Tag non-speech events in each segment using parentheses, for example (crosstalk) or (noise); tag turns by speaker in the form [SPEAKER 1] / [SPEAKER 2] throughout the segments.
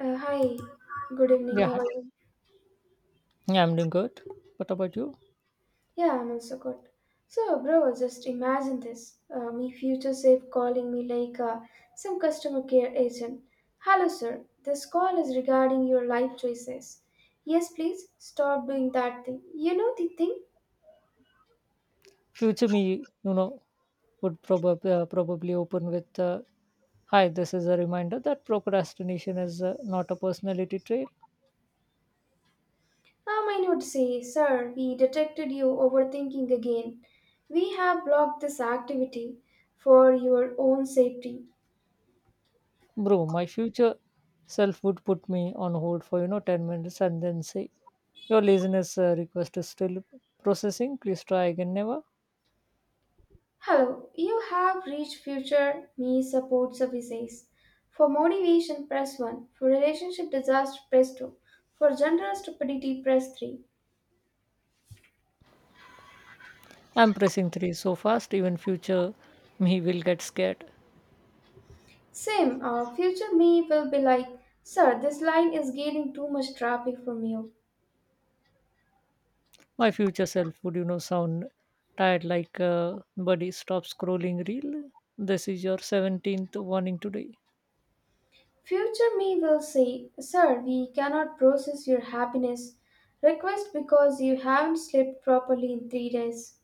[SPEAKER 1] Hi, good evening.
[SPEAKER 2] Yeah,
[SPEAKER 1] How
[SPEAKER 2] hi.
[SPEAKER 1] are you?
[SPEAKER 2] Yeah, I'm doing good. What about you?
[SPEAKER 1] Yeah, I'm also good. So, bro, just imagine this. My future self calling me like some customer care agent. Hello, sir. This call is regarding your life choices. Yes, please stop doing that thing. You know the thing?
[SPEAKER 2] Future me, you know, would probably open with, "Hi, this is a reminder that procrastination is not a personality trait."
[SPEAKER 1] I would say, sir, we detected you overthinking again. We have blocked this activity for your own safety.
[SPEAKER 2] Bro, my future self would put me on hold for you know 10 minutes and then say, "Your laziness request is still processing. Please try again, never."
[SPEAKER 1] Hello, you have reached Future Me Support Services. For motivation, press 1. For relationship disaster, press 2. For general stupidity, press 3.
[SPEAKER 2] I'm pressing three so fast, even future me will get scared.
[SPEAKER 1] Same, Future Me will be like, sir, this line is getting too much traffic from you.
[SPEAKER 2] My future self would, you know, sound tired like, buddy, stop scrolling reel. This is your 17th warning today.
[SPEAKER 1] Future Me will say, sir, we cannot process your happiness request because you haven't slept properly in 3 days.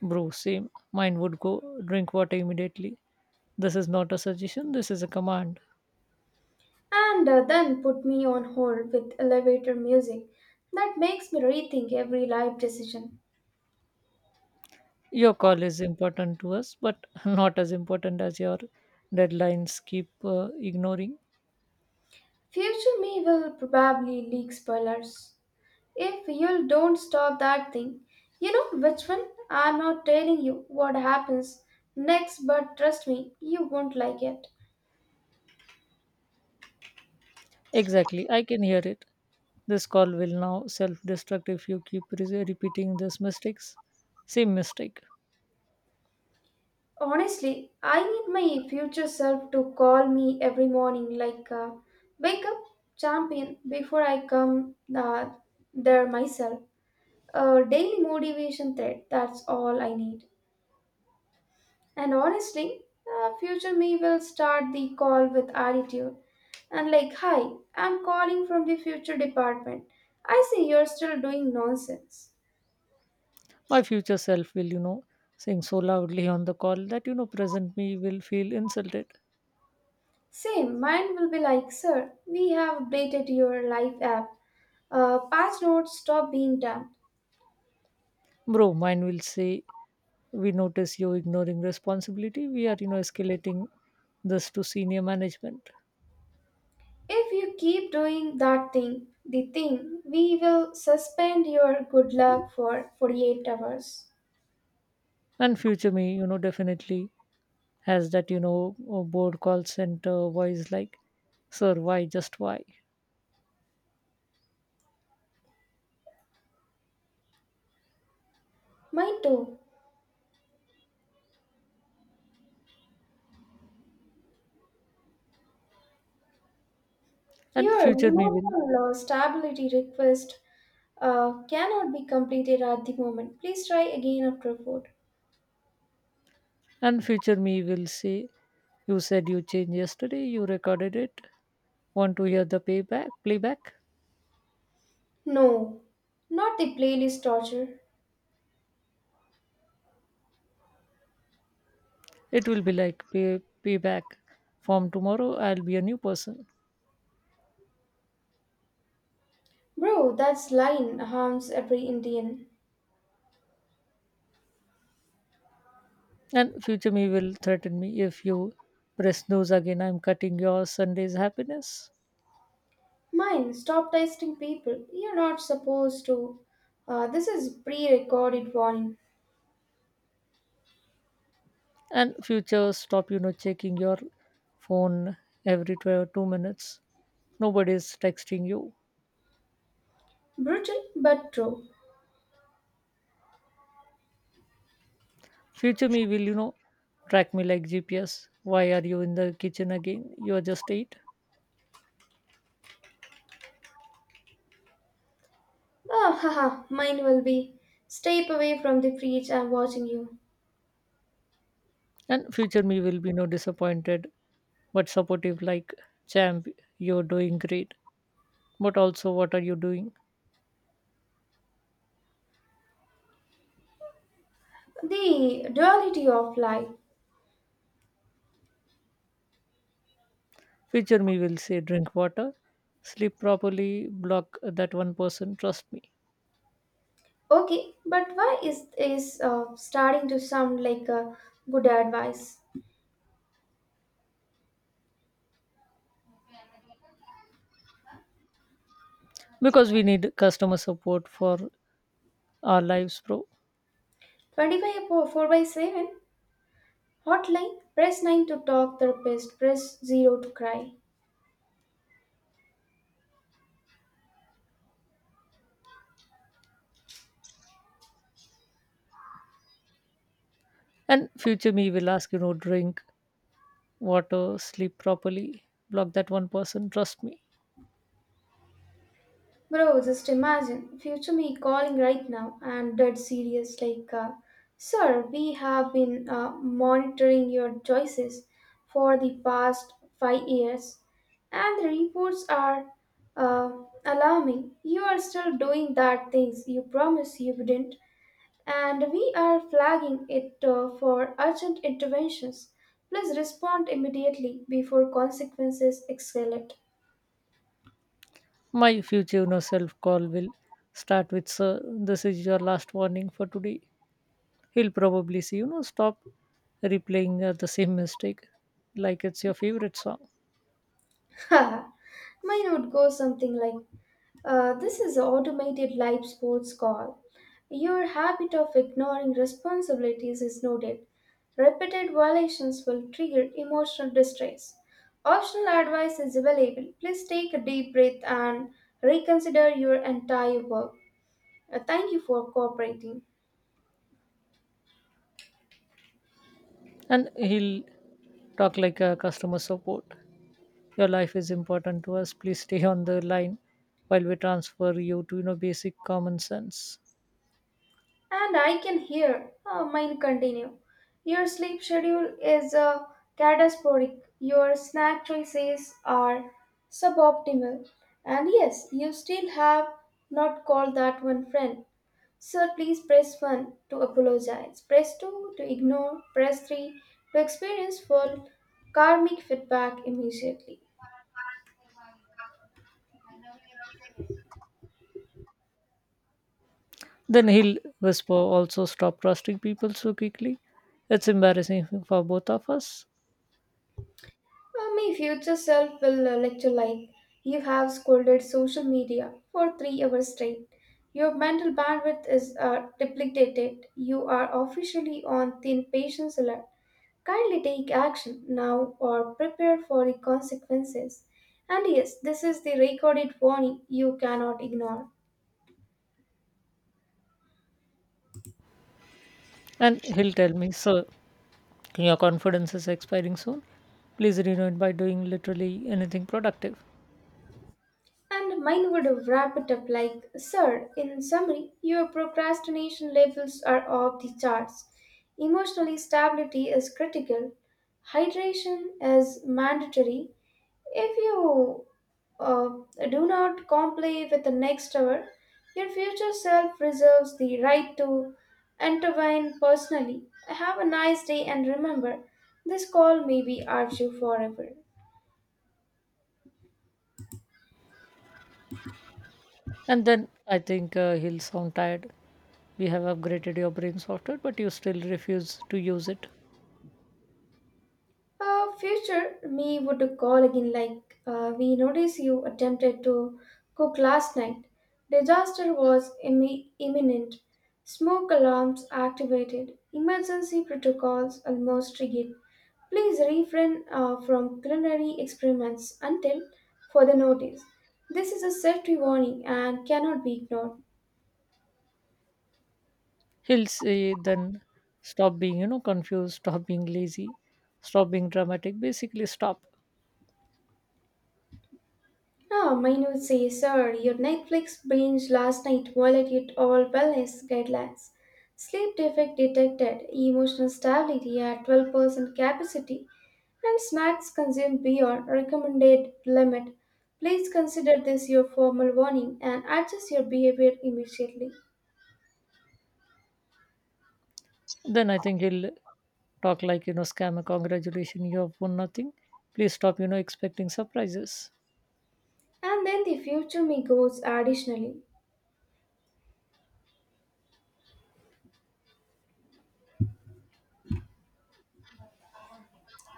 [SPEAKER 2] Bro, same. Mine would go drink water immediately. This is not a suggestion, this is a command.
[SPEAKER 1] And then put me on hold with elevator music that makes me rethink every life decision.
[SPEAKER 2] Your call is important to us, but (laughs) not as important as your deadlines keep ignoring.
[SPEAKER 1] Future me will probably leak spoilers. If you don't stop that thing, you know which one? I'm not telling you what happens next, but trust me, you won't like it.
[SPEAKER 2] Exactly, I can hear it. This call will now self destruct if you keep repeating these mistakes. Same mistake.
[SPEAKER 1] Honestly, I need my future self to call me every morning, like, wake up, champion, before I come there myself. A daily motivation thread, that's all I need. And honestly, future me will start the call with attitude and like, hi, I'm calling from the future department. I see you're still doing nonsense.
[SPEAKER 2] My future self will, you know, sing so loudly on the call that, you know, present me will feel insulted.
[SPEAKER 1] Same, mine will be like, sir, we have updated your life app. Patch notes: stop being dumb.
[SPEAKER 2] Bro, mine will say, we notice you ignoring responsibility. We are, you know, escalating this to senior management.
[SPEAKER 1] If you keep doing that thing, the thing, we will suspend your good luck for 48 hours.
[SPEAKER 2] And future me, you know, definitely has that, board call center voice like, sir, why, just why?
[SPEAKER 1] Mine too.
[SPEAKER 2] And
[SPEAKER 1] Here,
[SPEAKER 2] future me will,
[SPEAKER 1] uniform law stability request cannot be completed at the moment. Please try again after vote.
[SPEAKER 2] and future me will say, you said you changed yesterday, you recorded it. Want to hear the playback?
[SPEAKER 1] No, not the playlist torture.
[SPEAKER 2] It will be like payback. From tomorrow, I'll be a new person.
[SPEAKER 1] Bro, that's line harms every Indian.
[SPEAKER 2] And future me will threaten me if you press snooze again. I'm cutting your Sunday's happiness.
[SPEAKER 1] Mine, stop testing people. You're not supposed to. This is pre-recorded warning.
[SPEAKER 2] And future stop, you know, checking your phone every 2 minutes. Nobody's texting you.
[SPEAKER 1] Brutal but true.
[SPEAKER 2] Future me will, you know, track me like GPS. Why are you in the kitchen again? You're just eight.
[SPEAKER 1] Ah, haha, mine will be. Step away from the fridge. I'm watching you.
[SPEAKER 2] And future me will be no disappointed but supportive like champ, you're doing great. But also, what are you doing?
[SPEAKER 1] The duality of life.
[SPEAKER 2] Future me will say, drink water, sleep properly, block that one person, trust me.
[SPEAKER 1] Okay, but why is starting to sound like a good advice?
[SPEAKER 2] Because we need customer support for our lives, bro.
[SPEAKER 1] 25 4 by 7 hotline, press 9 to talk therapist, press 0 to cry.
[SPEAKER 2] And future me will ask, you know, drink water, sleep properly, block that one person, trust me.
[SPEAKER 1] Bro, just imagine future me calling right now and dead serious like, sir, we have been monitoring your choices for the past 5 years and the reports are uh, alarming. You are still doing that things you promise you wouldn't, and we are flagging it for urgent interventions. Please respond immediately before consequences escalate.
[SPEAKER 2] My future, you know, self call will start with, sir, this is your last warning for today. He'll probably say, you know, stop replaying the same mistake like it's your favorite song.
[SPEAKER 1] (laughs) Haha. Mine would go something like, this is an automated live sports call. Your habit of ignoring responsibilities is noted. Repeated violations will trigger emotional distress. Optional advice is available. Please take a deep breath and reconsider your entire work. Thank you for cooperating.
[SPEAKER 2] And he'll talk like a customer support, your life is important to us, please stay on the line while we transfer you to you know basic common sense.
[SPEAKER 1] And I can hear mine continue. Your sleep schedule is catastrophic. Your snack choices are suboptimal. And yes, you still have not called that one friend. Sir, please press 1 to apologize, press 2 to ignore, press 3 to experience full karmic feedback immediately.
[SPEAKER 2] Then he'll whisper, also stop trusting people so quickly, it's embarrassing for both of us.
[SPEAKER 1] My future self will lecture like, you have scolded social media for 3 hours straight. Your mental bandwidth is depleted. You are officially on thin patience alert. Kindly take action now or prepare for the consequences. And yes, this is the recorded warning you cannot ignore.
[SPEAKER 2] And he'll tell me, sir, your confidence is expiring soon, please renew it by doing literally anything productive.
[SPEAKER 1] And mine would wrap it up like, sir, in summary, your procrastination levels are off the charts. Emotional stability is critical. Hydration is mandatory. If you uh, do not comply with the next hour, your future self reserves the right to intervene personally. Have a nice day and remember, this call may be archived forever.
[SPEAKER 2] And then I think he'll sound tired, we have upgraded your brain software but you still refuse to use it.
[SPEAKER 1] Future me would call again like, we notice you attempted to cook last night. Disaster was imminent. Smoke alarms activated. Emergency protocols almost triggered. Please refrain from culinary experiments until further notice. This is a safety warning and cannot be ignored.
[SPEAKER 2] He'll say then, stop being you know confused, stop being lazy, stop being dramatic, basically stop.
[SPEAKER 1] Ah, mine would say, sir, your Netflix binge last night violated all wellness guidelines. Sleep defect detected, emotional stability at 12% capacity, and snacks consumed beyond recommended limit. Please consider this your formal warning and adjust your behavior immediately.
[SPEAKER 2] Then I think he'll talk like you know scammer, congratulations, you have won nothing, please stop you know expecting surprises.
[SPEAKER 1] And then the future me goes additionally.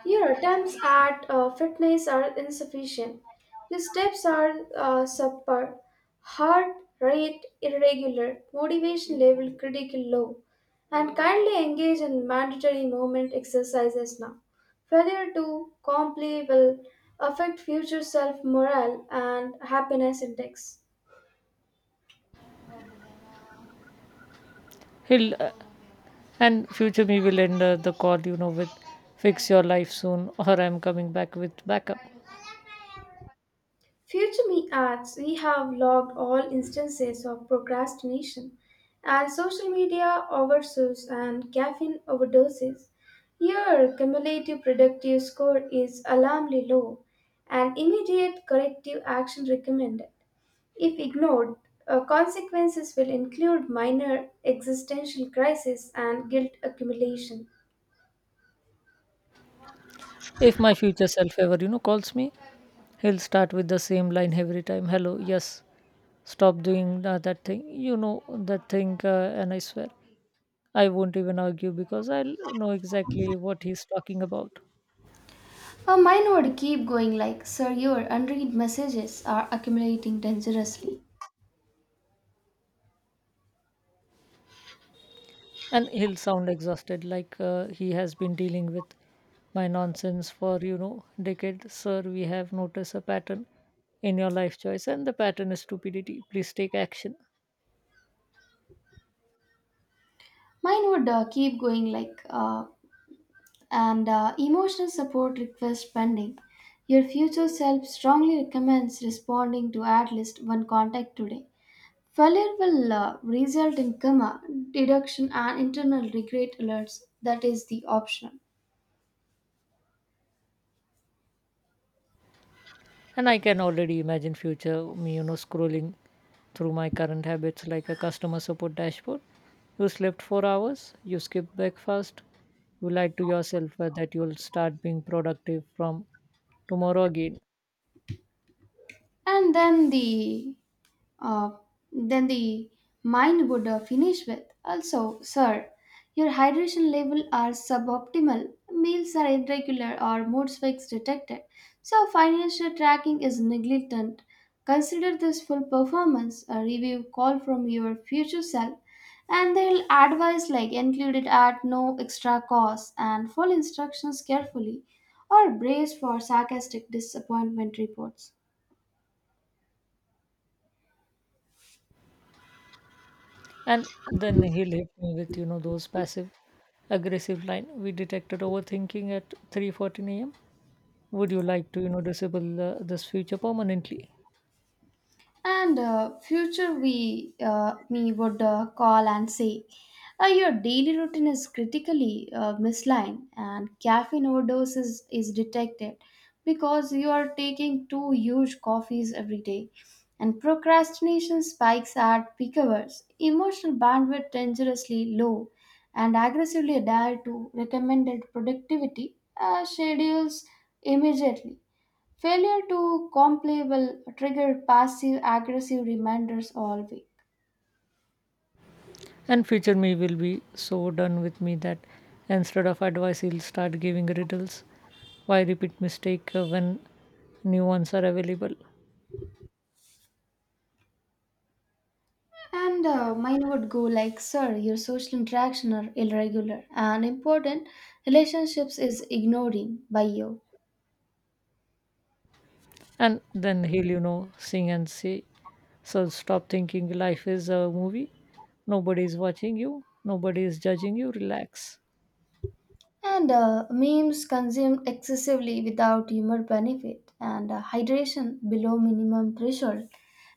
[SPEAKER 1] Your attempts at fitness are insufficient. Your steps are subpar, heart rate irregular, motivation level critical low, and kindly engage in mandatory movement exercises now. Failure to comply will affect future self morale and happiness index.
[SPEAKER 2] He'll And future me will end the call you know with, fix your life soon or I'm coming back with backup.
[SPEAKER 1] Future me adds, we have logged all instances of procrastination and social media oversuse and caffeine overdoses. Your cumulative productive score is alarmingly low and immediate corrective action recommended. If ignored, consequences will include minor existential crisis and guilt accumulation.
[SPEAKER 2] If my future self ever you know calls me, he'll start with the same line every time, hello yes, stop doing that thing you know that thing and I swear I won't even argue because I'll know exactly what he's talking about.
[SPEAKER 1] Her mind would keep going like, sir, your unread messages are accumulating dangerously.
[SPEAKER 2] And he'll sound exhausted, like he has been dealing with my nonsense for, you know, decades. Sir, we have noticed a pattern in your life choice, and the pattern is stupidity. Please take action.
[SPEAKER 1] Mine would keep going like, and emotional support request pending. Your future self strongly recommends responding to at least one contact today. Failure will result in coma, deduction, and internal regret alerts. That is the optional.
[SPEAKER 2] And I can already imagine future me you know scrolling through my current habits like a customer support dashboard, you slept 4 hours, you skipped breakfast, you lied to yourself that you'll start being productive from tomorrow again.
[SPEAKER 1] and then the uh, then the mind would finish with, also sir, your hydration level are suboptimal, meals are irregular or mood swings detected, so financial tracking is negligent. Consider this full performance a review call from your future self, and they'll advise like included at no extra cost, and follow instructions carefully or brace for sarcastic disappointment reports.
[SPEAKER 2] And then he'll hit me with you know those passive aggressive line, we detected overthinking at 3:14 a.m., would you like to you know disable this feature permanently.
[SPEAKER 1] And future we me would call and say, your daily routine is critically misaligned, and caffeine overdose is detected because you are taking two huge coffees every day, and procrastination spikes at peak hours, emotional bandwidth dangerously low, and aggressively adhere to recommended productivity schedules immediately. Failure to comply will trigger passive aggressive reminders all week.
[SPEAKER 2] And future me will be so done with me that instead of advice, he'll start giving riddles. Why repeat mistake when new ones are available?
[SPEAKER 1] And mine would go like, sir, your social interaction are irregular and important relationships is ignoring by you.
[SPEAKER 2] And then he'll, you know, sing and say, so stop thinking life is a movie. Nobody is watching you. Nobody is judging you. Relax.
[SPEAKER 1] And memes consumed excessively without humor benefit, and hydration below minimum threshold.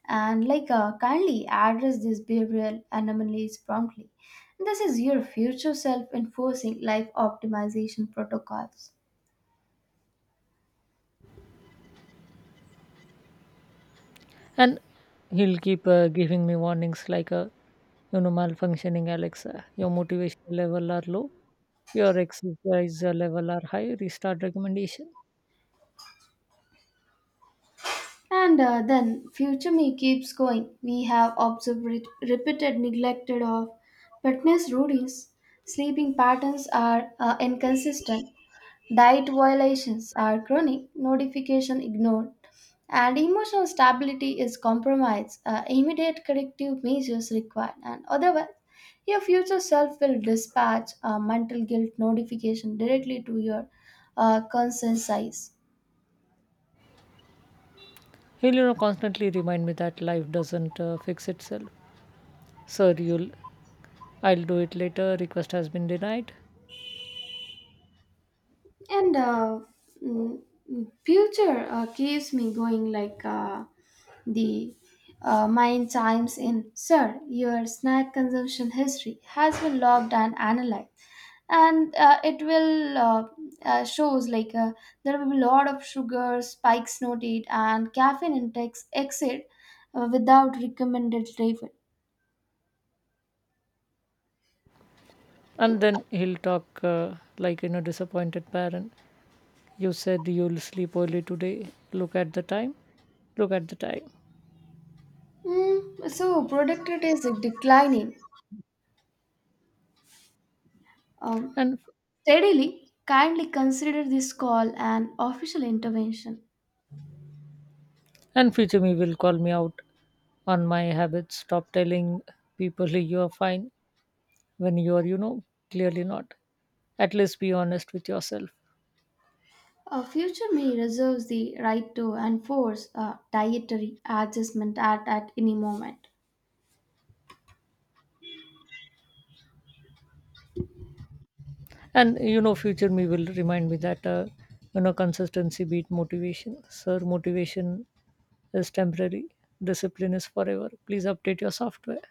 [SPEAKER 1] And like, kindly address these behavioral anomalies promptly. This is your future self enforcing life optimization protocols.
[SPEAKER 2] And he'll keep giving me warnings like a, you know, malfunctioning Alexa. Your motivation level are low. Your exercise level are high. Restart recommendation.
[SPEAKER 1] And then future me keeps going. We have observed repeated neglected of fitness routines. Sleeping patterns are inconsistent. Diet violations are chronic. Notification ignored. And emotional stability is compromised. Immediate corrective measures required. And otherwise, your future self will dispatch a mental guilt notification directly to your conscious eyes.
[SPEAKER 2] He'll, you know, constantly remind me that life doesn't fix itself. Sir, you'll, I'll do it later. Request has been denied.
[SPEAKER 1] and uh, mm, future keeps me going like, the mind chimes in, sir, your snack consumption history has been logged and analyzed, and it will shows like, there will be a lot of sugar spikes noted and caffeine intakes exit without recommended level.
[SPEAKER 2] And then he'll talk like, you know, disappointed parent. You said you'll sleep early today. Look at the time. Look at the time.
[SPEAKER 1] mm, so productivity is declining Um
[SPEAKER 2] And
[SPEAKER 1] steadily. Kindly consider this call an official intervention.
[SPEAKER 2] and future me will call me out on my habits. Stop telling people (laughs) you are fine when you are, you know, clearly not. At least be honest with yourself.
[SPEAKER 1] A future me reserves the right to enforce a dietary adjustment at any moment.
[SPEAKER 2] And you know future me will remind me that you know consistency beat motivation, sir motivation is temporary, discipline is forever, please update your software.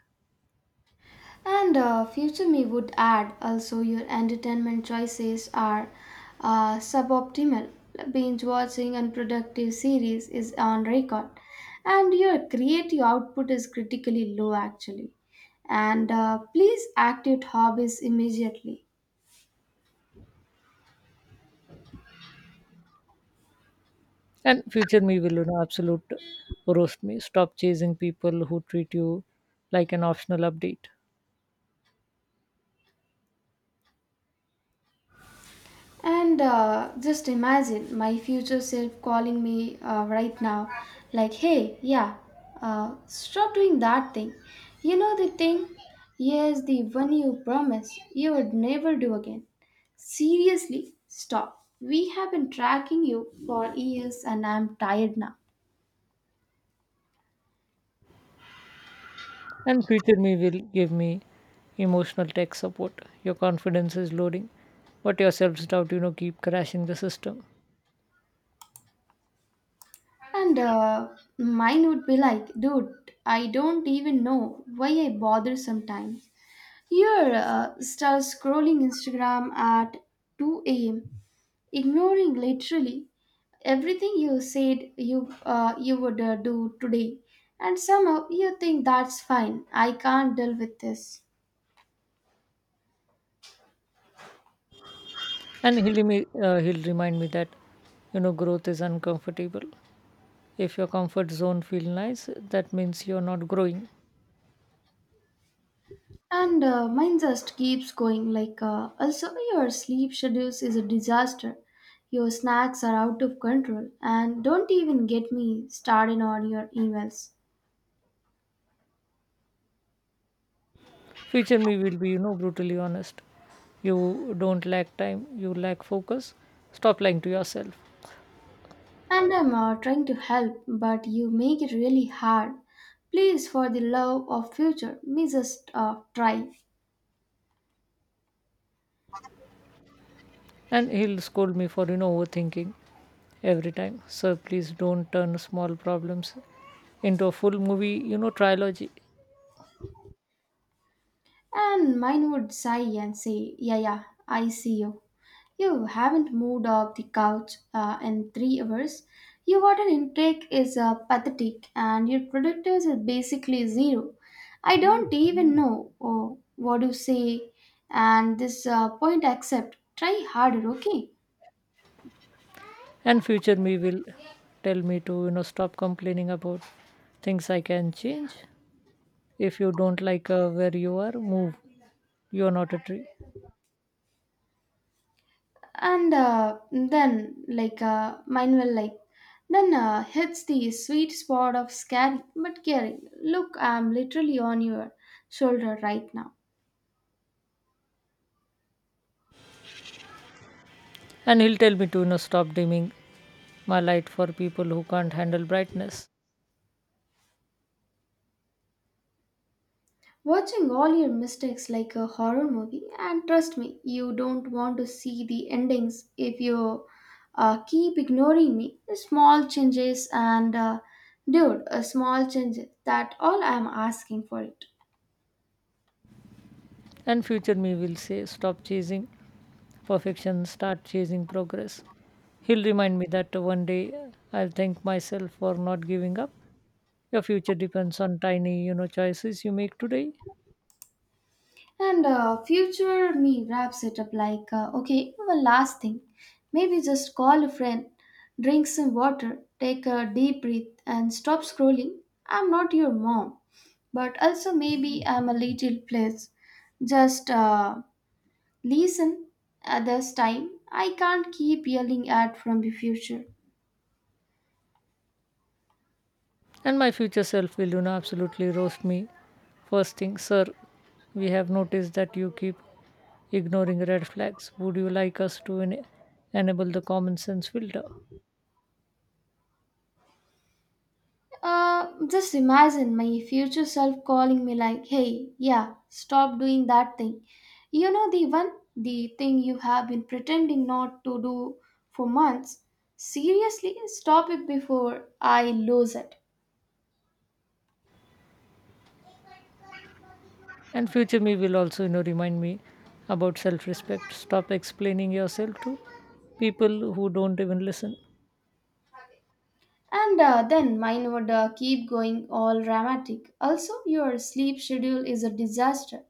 [SPEAKER 1] And future me would add, also your entertainment choices are suboptimal. Binge watching unproductive series is on record, and your creative output is critically low actually. And please activate hobbies immediately.
[SPEAKER 2] And future me will you know absolute roast me, stop chasing people who treat you like an optional update.
[SPEAKER 1] And just imagine my future self calling me right now, like, hey, yeah, stop doing that thing. You know the thing? Yes, the one you promised you would never do again. Seriously, stop. We have been tracking you for years and I'm tired now.
[SPEAKER 2] And future me will give me emotional tech support, your confidence is loading but your self-doubt you know keep crashing the system.
[SPEAKER 1] And mine would be like, dude, I don't even know why I bother sometimes. Here, start scrolling Instagram at 2 a.m., ignoring literally everything you said you would do today, and somehow you think that's fine. I can't deal with this,
[SPEAKER 2] And he'll remind me that you know growth is uncomfortable, if your comfort zone feel nice that means you're not growing.
[SPEAKER 1] and mine just keeps going. Like, also, your sleep schedules is a disaster. Your snacks are out of control, and don't even get me started on your emails.
[SPEAKER 2] Future me will be you know brutally honest, you don't lack time, you lack focus, stop lying to yourself.
[SPEAKER 1] And I'm trying to help, but you make it really hard. Please, for the love of future, me just try.
[SPEAKER 2] And he'll scold me for you know overthinking every time, sir please don't turn small problems into a full movie you know trilogy.
[SPEAKER 1] And mine would sigh and say, yeah, yeah, I see you. You haven't moved off the couch in 3 hours. Your water intake is pathetic and your productivity is basically zero. I don't even know what you say, and this point I accept. Try harder, okay?
[SPEAKER 2] And future me will tell me to you know stop complaining about things I can change, if you don't like where you are move, you are not a tree.
[SPEAKER 1] And then like, mine will like then hits the sweet spot of scary but caring. Look, I'm literally on your shoulder right now,
[SPEAKER 2] And he'll tell me to you know, stop dimming my light for people who can't handle brightness.
[SPEAKER 1] watching all your mistakes like a horror movie, and trust me, you don't want to see the endings if you keep ignoring me small changes, and dude, a small change, that all I'm asking for it.
[SPEAKER 2] And future me will say, stop chasing perfection, start chasing progress. He'll remind me that one day I'll thank myself for not giving up. Your future depends on tiny, you know, choices you make today.
[SPEAKER 1] And future me wraps it up like, okay, one last thing. Maybe just call a friend, drink some water, take a deep breath, and stop scrolling. I'm not your mom, but also maybe I'm a little place. Just listen at this time. I can't keep yelling at from the future.
[SPEAKER 2] And my future self will, you know, absolutely roast me. First thing, sir, we have noticed that you keep ignoring red flags. Would you like us to enable the common sense filter?
[SPEAKER 1] Just imagine my future self calling me like, hey, yeah, stop doing that thing. You know the one, the thing you have been pretending not to do for months. Seriously, stop it before I lose it.
[SPEAKER 2] And future me will also, you know, remind me about self respect. Stop explaining yourself to people who don't even listen.
[SPEAKER 1] And then mine would keep going all dramatic. Also, your sleep schedule is a disaster.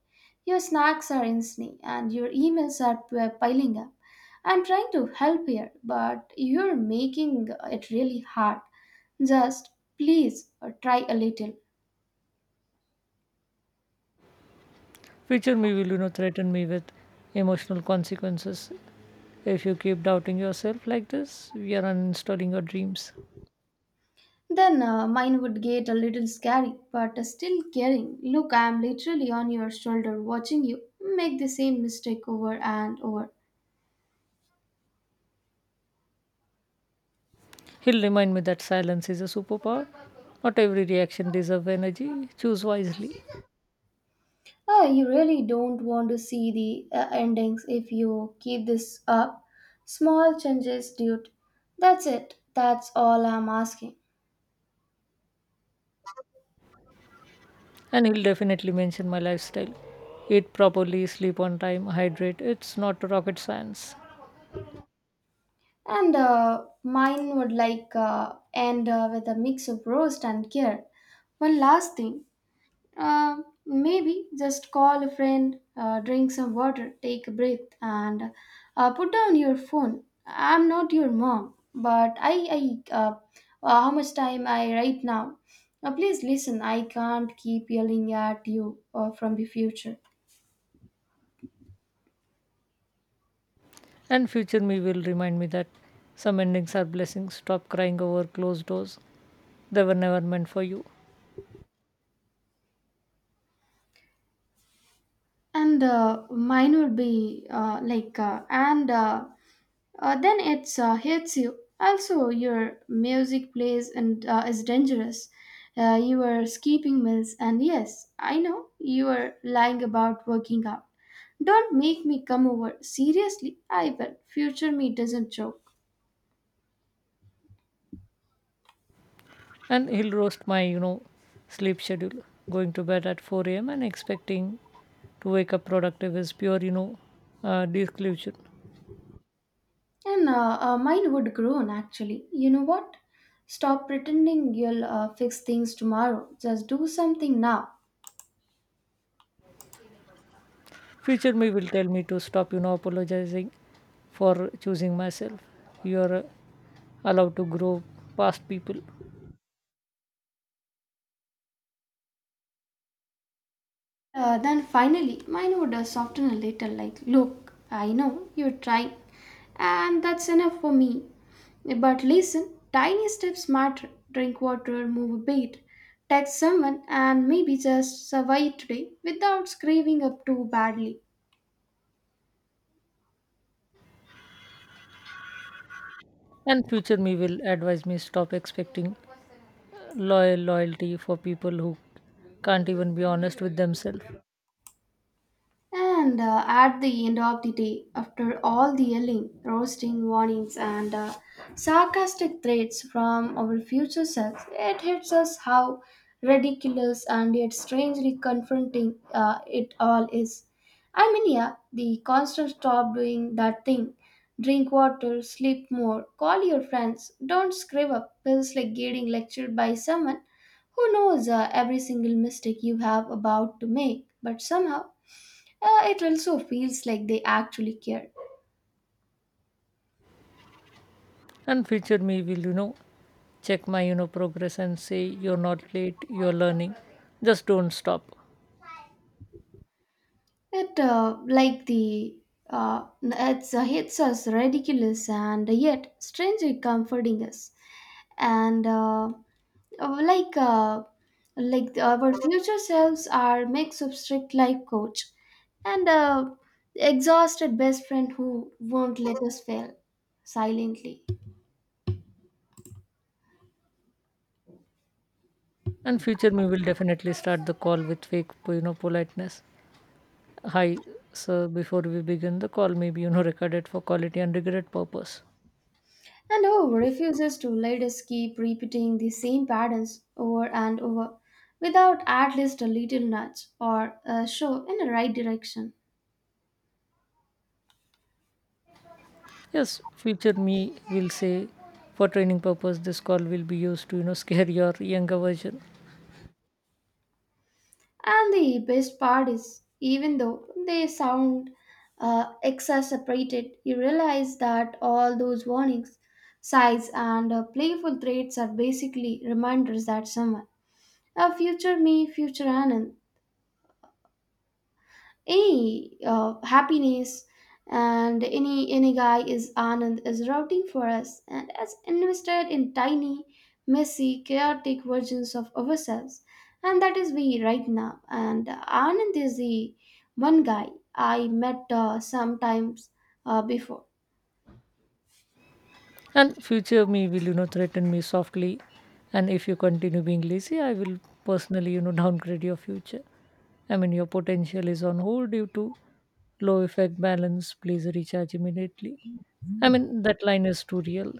[SPEAKER 1] Your snacks are insane and your emails are piling up. I'm trying to help here, but you're making it really hard. Just please try a little.
[SPEAKER 2] Future me will, you know, threaten me with emotional consequences. If you keep doubting yourself like this, we are uninstalling your dreams.
[SPEAKER 1] Then mine would get a little scary, but still caring. Look, I'm literally on your shoulder watching you make the same mistake over and over.
[SPEAKER 2] He'll remind me that silence is a superpower. Not every reaction deserves energy. Choose wisely.
[SPEAKER 1] Ah, you really don't want to see the endings if you keep this up. Small changes, dude. That's it. That's all I'm asking.
[SPEAKER 2] And he'll definitely mention my lifestyle. Eat properly, sleep on time, hydrate. It's not rocket science.
[SPEAKER 1] And mine would like end with a mix of roast and care. One last thing. Uh, Maybe just call a friend, drink some water, take a breath, and put down your phone. I'm not your mom, but I how much time I right now? Please listen. I can't keep yelling at you from the future.
[SPEAKER 2] And future me will remind me that some endings are blessings. Stop crying over closed doors. They were never meant for you.
[SPEAKER 1] And mine would be like, and then it hits you. Also, your music plays and is dangerous. You are skipping meals, and yes, I know you are lying about working out. Don't make me come over. Seriously, I will. Future me doesn't joke.
[SPEAKER 2] And he'll roast my, you know, sleep schedule. Going to bed at 4 a.m. and expecting to wake up productive is pure, you know, delusion.
[SPEAKER 1] And mine would groan actually. You know what? Stop pretending you'll fix things tomorrow. Just do something now.
[SPEAKER 2] Future me will tell me to stop, you know, apologizing for choosing myself. You're allowed to grow past people.
[SPEAKER 1] Then finally, mine would soften a little, like, look, I know you're trying, and that's enough for me. But listen, tiny steps matter. Drink water, move a bit, text someone, and maybe just survive today without scraping up too badly.
[SPEAKER 2] And future me will advise me, stop expecting loyalty for people who can't even be honest with themselves.
[SPEAKER 1] And at the end of the day, after all the yelling, roasting, warnings, and sarcastic threats from our future selves, it hits us how ridiculous and yet strangely confronting it all is. I mean, yeah, the constant stop doing that thing. Drink water, sleep more, call your friends, don't screw up, feels like getting lectured by someone who knows every single mistake you have about to make, but somehow it also feels like they actually care.
[SPEAKER 2] And future me will you know check my you know progress and say, you're not late, you're learning, just don't stop.
[SPEAKER 1] It like the it's hits us ridiculous and yet strangely comforting us, and uh, like uh, like our future selves are mix of strict life coach and a exhausted best friend who won't let us fail silently.
[SPEAKER 2] And future me will definitely start the call with fake you know politeness, hi sir, before we begin the call may be you know recorded for quality and regret purpose.
[SPEAKER 1] And who refuses to let us keep repeating the same patterns over and over without at least a little nudge or a show in the right direction?
[SPEAKER 2] Yes, future me will say, for training purpose this call will be used to you know scare (laughs) your younger version.
[SPEAKER 1] And the best part is, even though they sound exacerbated, you realize that all those warnings, sighs, and playful threats are basically reminders that someone, a future me, future Anand, any happiness and any guy is anand is routing for us and has invested in tiny messy chaotic versions of ourselves, and that is we right now, and anand is the one guy I met sometimes before.
[SPEAKER 2] And future me will, you know, threaten me softly. And if you continue being lazy, I will personally, you know, downgrade your future. I mean, your potential is on hold due to low effect balance. Please recharge immediately. I mean, that line is too real.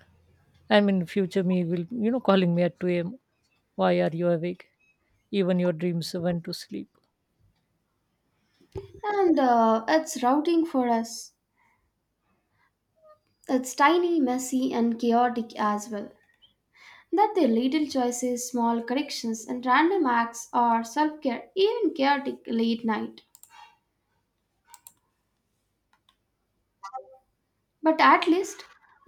[SPEAKER 2] I mean, future me will, you know, calling me at 2 a.m. Why are you awake? Even your dreams went to sleep.
[SPEAKER 1] And it's routing for us, it's tiny messy and chaotic as well, that their little choices, small corrections, and random acts are self care, even chaotic late night. But at least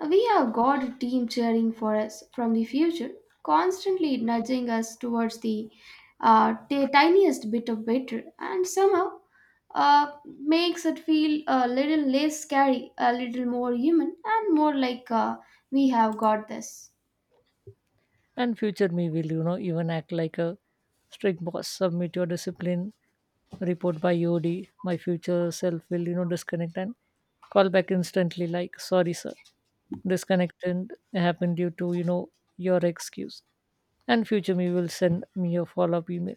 [SPEAKER 1] we have got a team cheering for us from the future, constantly nudging us towards the tiniest bit of better, and somehow makes it feel a little less scary, a little more human, and more like we have got this.
[SPEAKER 2] And future me will, you know, even act like a strict boss. Submit your discipline report by EOD. My future self will, you know, disconnect and call back instantly like, sorry sir. Disconnected happened due to, you know, your excuse. And future me will send me a follow-up email.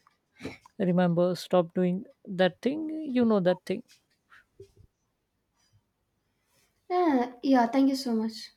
[SPEAKER 2] Remember, stop doing that thing. You know that thing.
[SPEAKER 1] Yeah, yeah, thank you so much.